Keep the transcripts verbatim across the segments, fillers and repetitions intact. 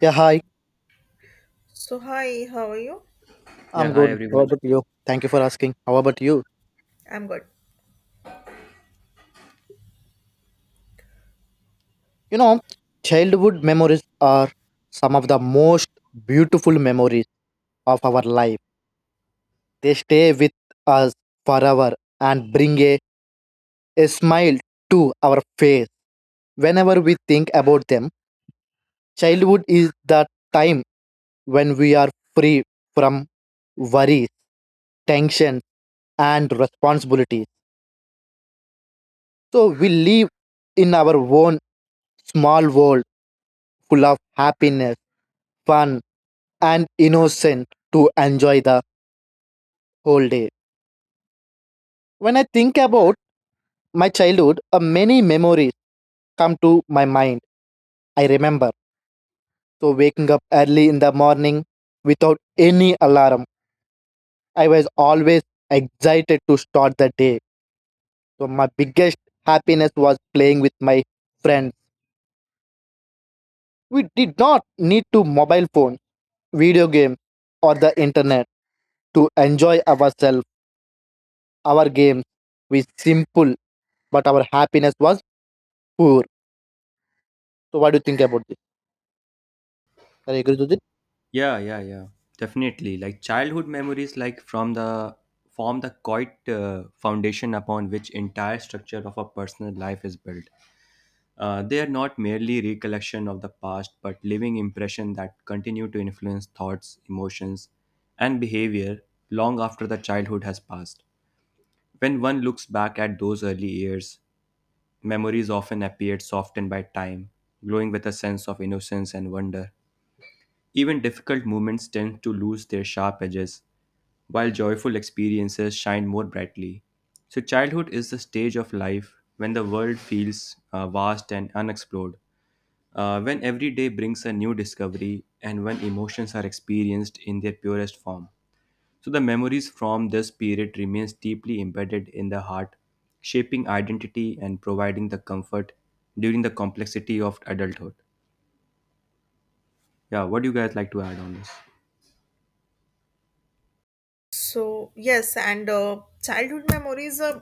Yeah, hi. So, hi, how are you? Yeah, I'm hi good. How everyone. about you? Thank you for asking. How about you? I'm good. You know, Childhood memories are some of the most beautiful memories of our life. They stay with us forever and bring a, a smile to our face. Whenever we think about them, childhood is the time when we are free from worries, tension, and responsibilities. So we live in our own small world full of happiness, fun, and innocence to enjoy the whole day. When I think about my childhood, uh, many memories come to my mind. I remember. So, waking up early in the morning without any alarm, I was always excited to start the day. So, my biggest happiness was playing with my friends. We did not need to mobile phone, video games, or the internet to enjoy ourselves, our games. We simple but our happiness was poor. So, what do you think about this? Are you agree with it? Yeah, yeah, yeah. Definitely. Like childhood memories like from the form the quiet uh, foundation upon which entire structure of a personal life is built. Uh, they are not merely recollection of the past but living impression that continue to influence thoughts, emotions and behavior long after the childhood has passed. When one looks back at those early years, memories often appear softened by time, glowing with a sense of innocence and wonder. Even difficult moments tend to lose their sharp edges, while joyful experiences shine more brightly. So, childhood is the stage of life when the world feels uh, vast and unexplored, uh, when every day brings a new discovery, and when emotions are experienced in their purest form. So, the memories from this period remains deeply embedded in the heart, shaping identity and providing the comfort during the complexity of adulthood. Yeah, what do you guys like to add on this? So, yes, and uh, childhood memories. Uh,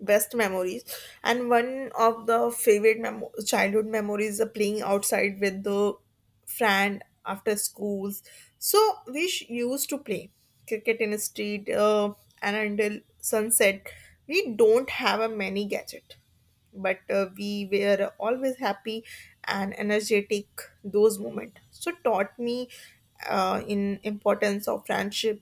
Best memories and one of the favorite memo- childhood memories are playing outside with the friend after schools, so we sh- used to play cricket in the street, uh, and until sunset. We don't have a many gadget, but uh, we were always happy and energetic. Those moments so taught me uh, in importance of friendship,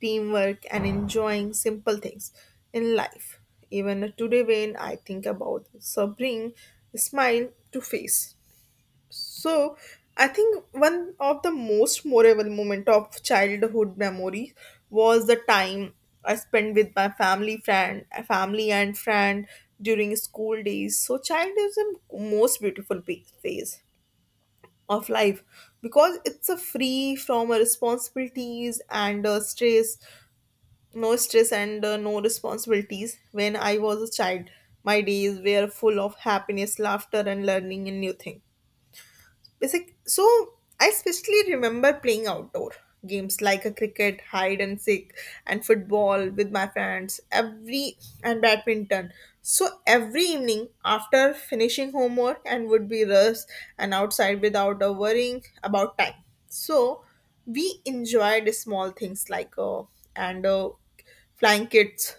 teamwork, and enjoying simple things in life. Even today, when I think about it, so bring a smile to face. So I think one of the most memorable moment of childhood memory was the time I spent with my family friend family and friend during school days. So childhood is the most beautiful pe- phase of life because it's a free from a responsibilities and uh, stress, no stress and uh, no responsibilities. When I was a child, my days were full of happiness, laughter, and learning a new thing basic. So I especially remember playing outdoor games like a cricket, hide and seek, and football with my friends every, and badminton. So every evening after finishing homework and would be rest and outside without a worrying about time. So we enjoyed small things like uh, and uh, flying kids,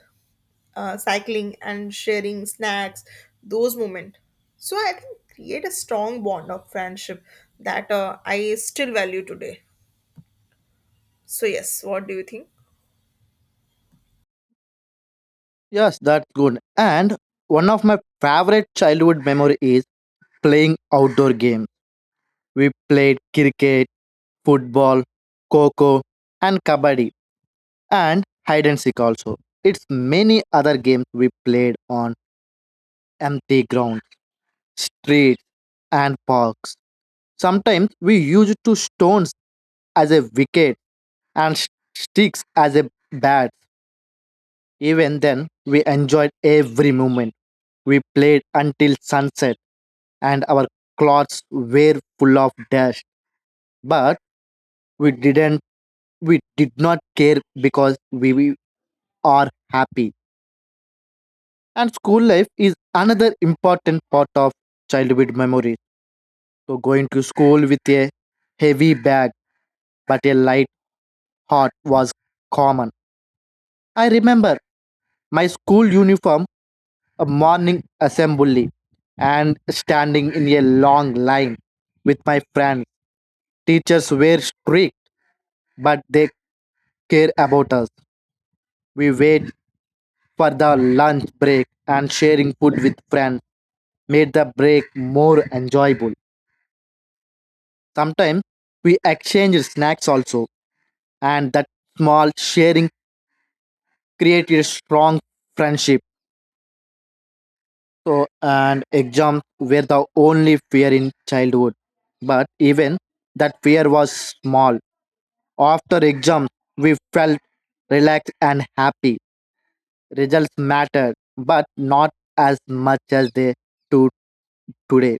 uh, cycling and sharing snacks, those moments. So I think create a strong bond of friendship that uh, I still value today. So yes, what do you think? Yes, that's good. And one of my favorite childhood memory is playing outdoor games. We played cricket, football, coco, and kabaddi, and hide and seek also. It's many other games we played on empty grounds, streets, and parks. Sometimes we used to stones as a wicket and sh- sticks as a bat. Even then, we enjoyed every moment. We played until sunset, and our clothes were full of dust. But we didn't, we did not care because we, we are happy. And school life is another important part of childhood memories. So going to school with a heavy bag but a light heart was common. I remember my school uniform, a morning assembly, and standing in a long line with my friends. Teachers were strict, but they care about us. We wait for the lunch break, and sharing food with friends made the break more enjoyable. Sometimes we exchanged snacks also, and that small sharing created a strong friendship. So, and exams were the only fear in childhood. But even that fear was small. After exams, we felt relaxed and happy. Results mattered, but not as much as they do today.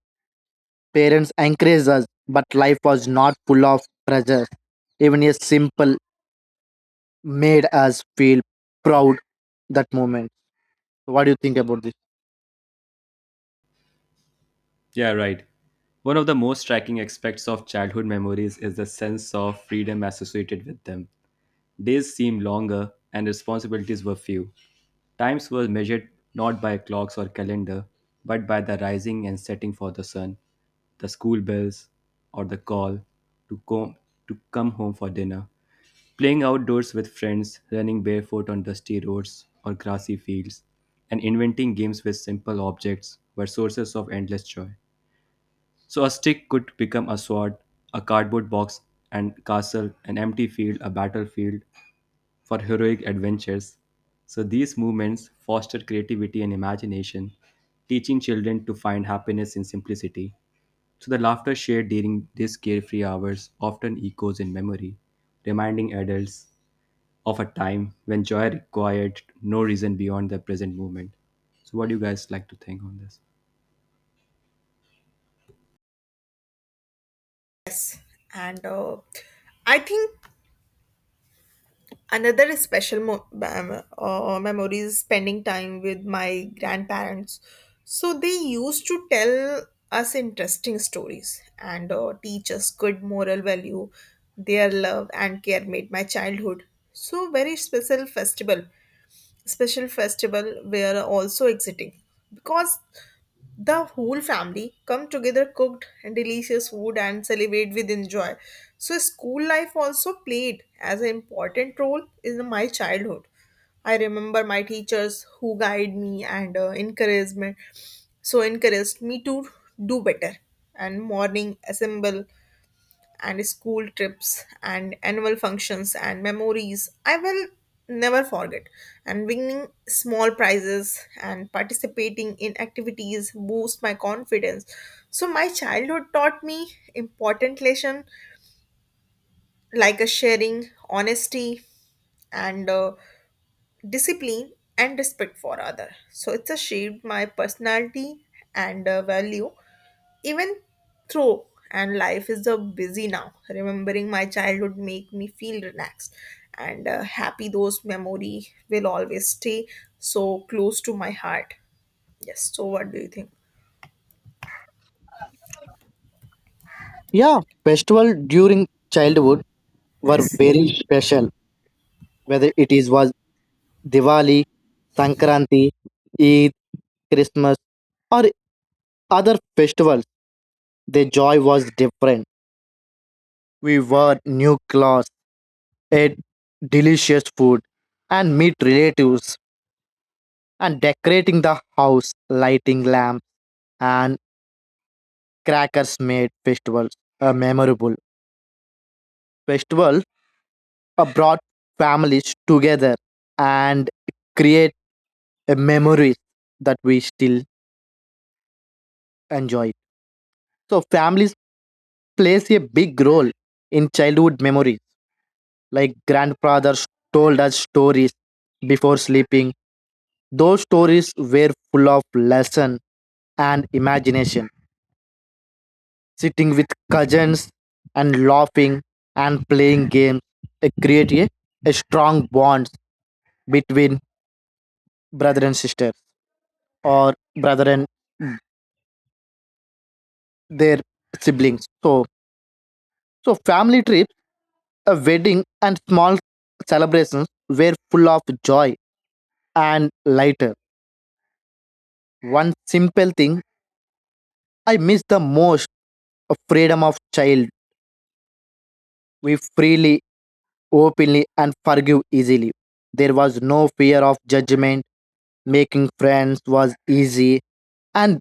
Parents encouraged us, but life was not full of pressure. Even a simple made us feel proud that moment. So what do you think about this? Yeah, right. One of the most striking aspects of childhood memories is the sense of freedom associated with them. Days seemed longer and responsibilities were few. Times were measured not by clocks or calendar, but by the rising and setting for the sun, the school bells, or the call to come, to come home for dinner. Playing outdoors with friends, running barefoot on dusty roads or grassy fields, and inventing games with simple objects were sources of endless joy. So a stick could become a sword, a cardboard box and castle, an empty field, a battlefield for heroic adventures. So these movements foster creativity and imagination, teaching children to find happiness in simplicity. So the laughter shared during these carefree hours often echoes in memory, reminding adults of a time when joy required no reason beyond the present moment. So what do you guys like to think on this? Yes, and uh, I think another special mo- bam- uh, memory is spending time with my grandparents. So they used to tell us interesting stories and uh, teach us good moral value. Their love and care made my childhood so very special festival. Special festival were also exiting because the whole family come together, cooked delicious food and celebrate with enjoy. So school life also played as an important role in my childhood. I remember my teachers who guide me and uh, encouraged me. So encouraged me to do better and morning assemble and school trips and annual functions and memories I will never forget. And winning small prizes and participating in activities boost my confidence. So my childhood taught me important lesson like a sharing, honesty, and uh, discipline and respect for other. So it's a shaped my personality and uh, value, even through, and life is so busy now. Remembering my childhood make me feel relaxed and uh, happy. Those memory will always stay so close to my heart. Yes. So what do you think? Yeah, festival during childhood were Yes. very special. Whether it is was Diwali, Sankranti, Eid, Christmas, or other festivals, the joy was different. We wore new clothes, ate delicious food, and meet relatives, and decorating the house, lighting lamps, and crackers made festivals a memorable. Festival uh, brought families together and create a memories that we still enjoy. So families plays a big role in childhood memories. Like grandfathers told us stories before sleeping. Those stories were full of lesson and imagination. Sitting with cousins and laughing and playing games, it create a, a strong bond between brother and sister or brother and their siblings. So so family trips, a wedding and small celebrations were full of joy and lighter. One simple thing I miss the most, a freedom of child. We freely, openly, and forgive easily. There was no fear of judgment. Making friends was easy, and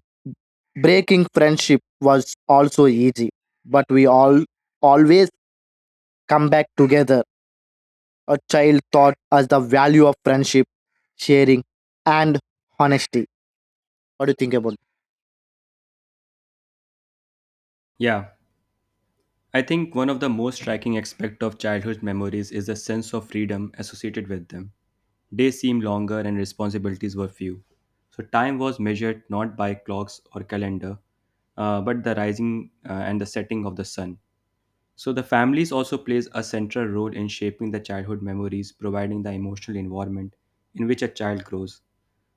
breaking friendship was also easy. But we all always come back together. A child taught us the value of friendship, sharing, and honesty. What do you think about it? Yeah. I think one of the most striking aspects of childhood memories is the sense of freedom associated with them. Days seemed longer and responsibilities were few. So time was measured not by clocks or calendar, uh, but the rising uh, and the setting of the sun. So the families also plays a central role in shaping the childhood memories, providing the emotional environment in which a child grows.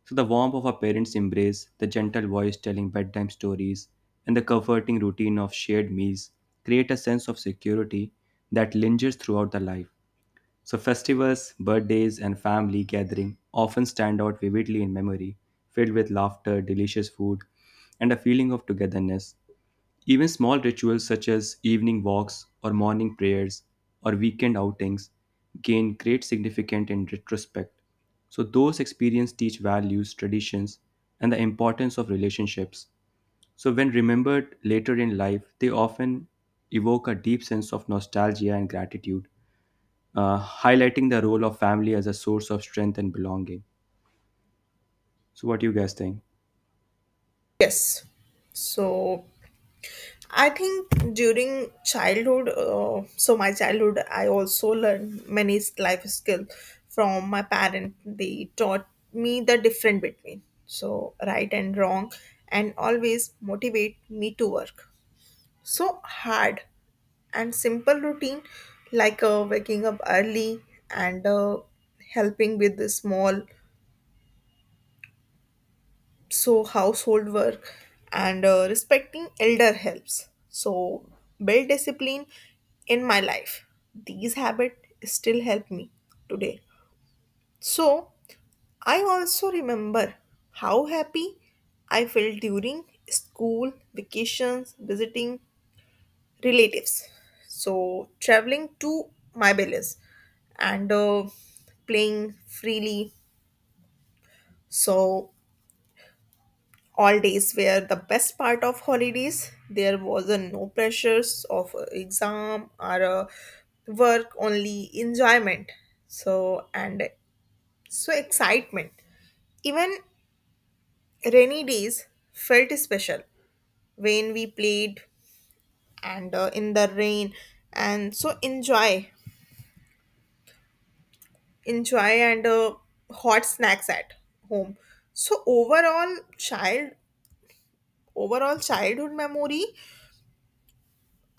So the warmth of a parent's embrace, the gentle voice telling bedtime stories, and the comforting routine of shared meals create a sense of security that lingers throughout the life. So festivals, birthdays, and family gathering often stand out vividly in memory, filled with laughter, delicious food, and a feeling of togetherness. Even small rituals such as evening walks or morning prayers or weekend outings gain great significance in retrospect. So those experiences teach values, traditions, and the importance of relationships. So when remembered later in life, they often evoke a deep sense of nostalgia and gratitude, uh, highlighting the role of family as a source of strength and belonging. So what do you guys think? Yes. So I think during childhood, uh, so my childhood, I also learned many s- life skills from my parent. They taught me the difference between so right and wrong, and always motivate me to work. So hard and simple routine, like uh, waking up early and uh, helping with the small so household work and uh, respecting elder helps so build discipline in my life. These habits still help me today. So I also remember how happy I felt during school vacations visiting relatives, so traveling to my village and uh, playing freely. So all days were the best part of holidays. There was a no pressures of a exam or a work, only enjoyment. So and so excitement. Even rainy days felt special when we played and uh, in the rain and so enjoy enjoy and uh, hot snacks at home. So overall child overall childhood memory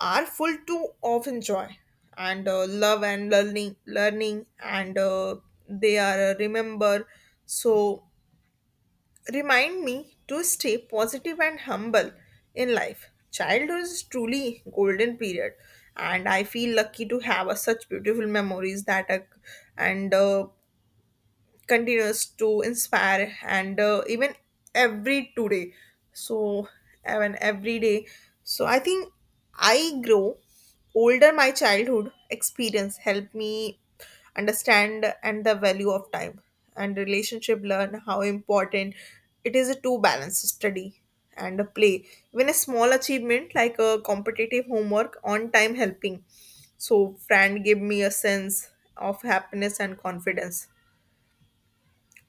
are full too often joy and uh, love and learning learning and uh, they are uh, remember, so remind me to stay positive and humble in life. Childhood is truly golden period, and I feel lucky to have uh, such beautiful memories that are and uh, continues to inspire and uh, even every today. So even every day. So I think I grow older my childhood experience helped me understand and the value of time and relationship, learn how important it is to balance study and play. Even a small achievement like a competitive homework on time helping so friend gave me a sense of happiness and confidence.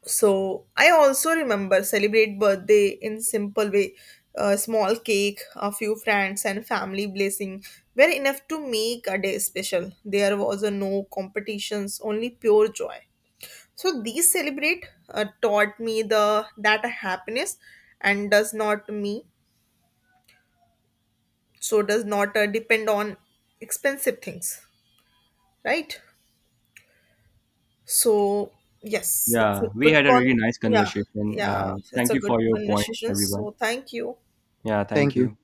So I also remember celebrate birthday in simple way, a small cake, a few friends and family blessing were enough to make a day special. There was a no competitions, only pure joy. So these celebrate uh, taught me the that happiness and does not me so does not uh, depend on expensive things, right? So yes, it's Yeah, a we good had a con. really nice Yeah, conversation. Uh, yeah, it's Thank a you good for your points, conversation. everyone. So thank you. Yeah, thank Thank you. you.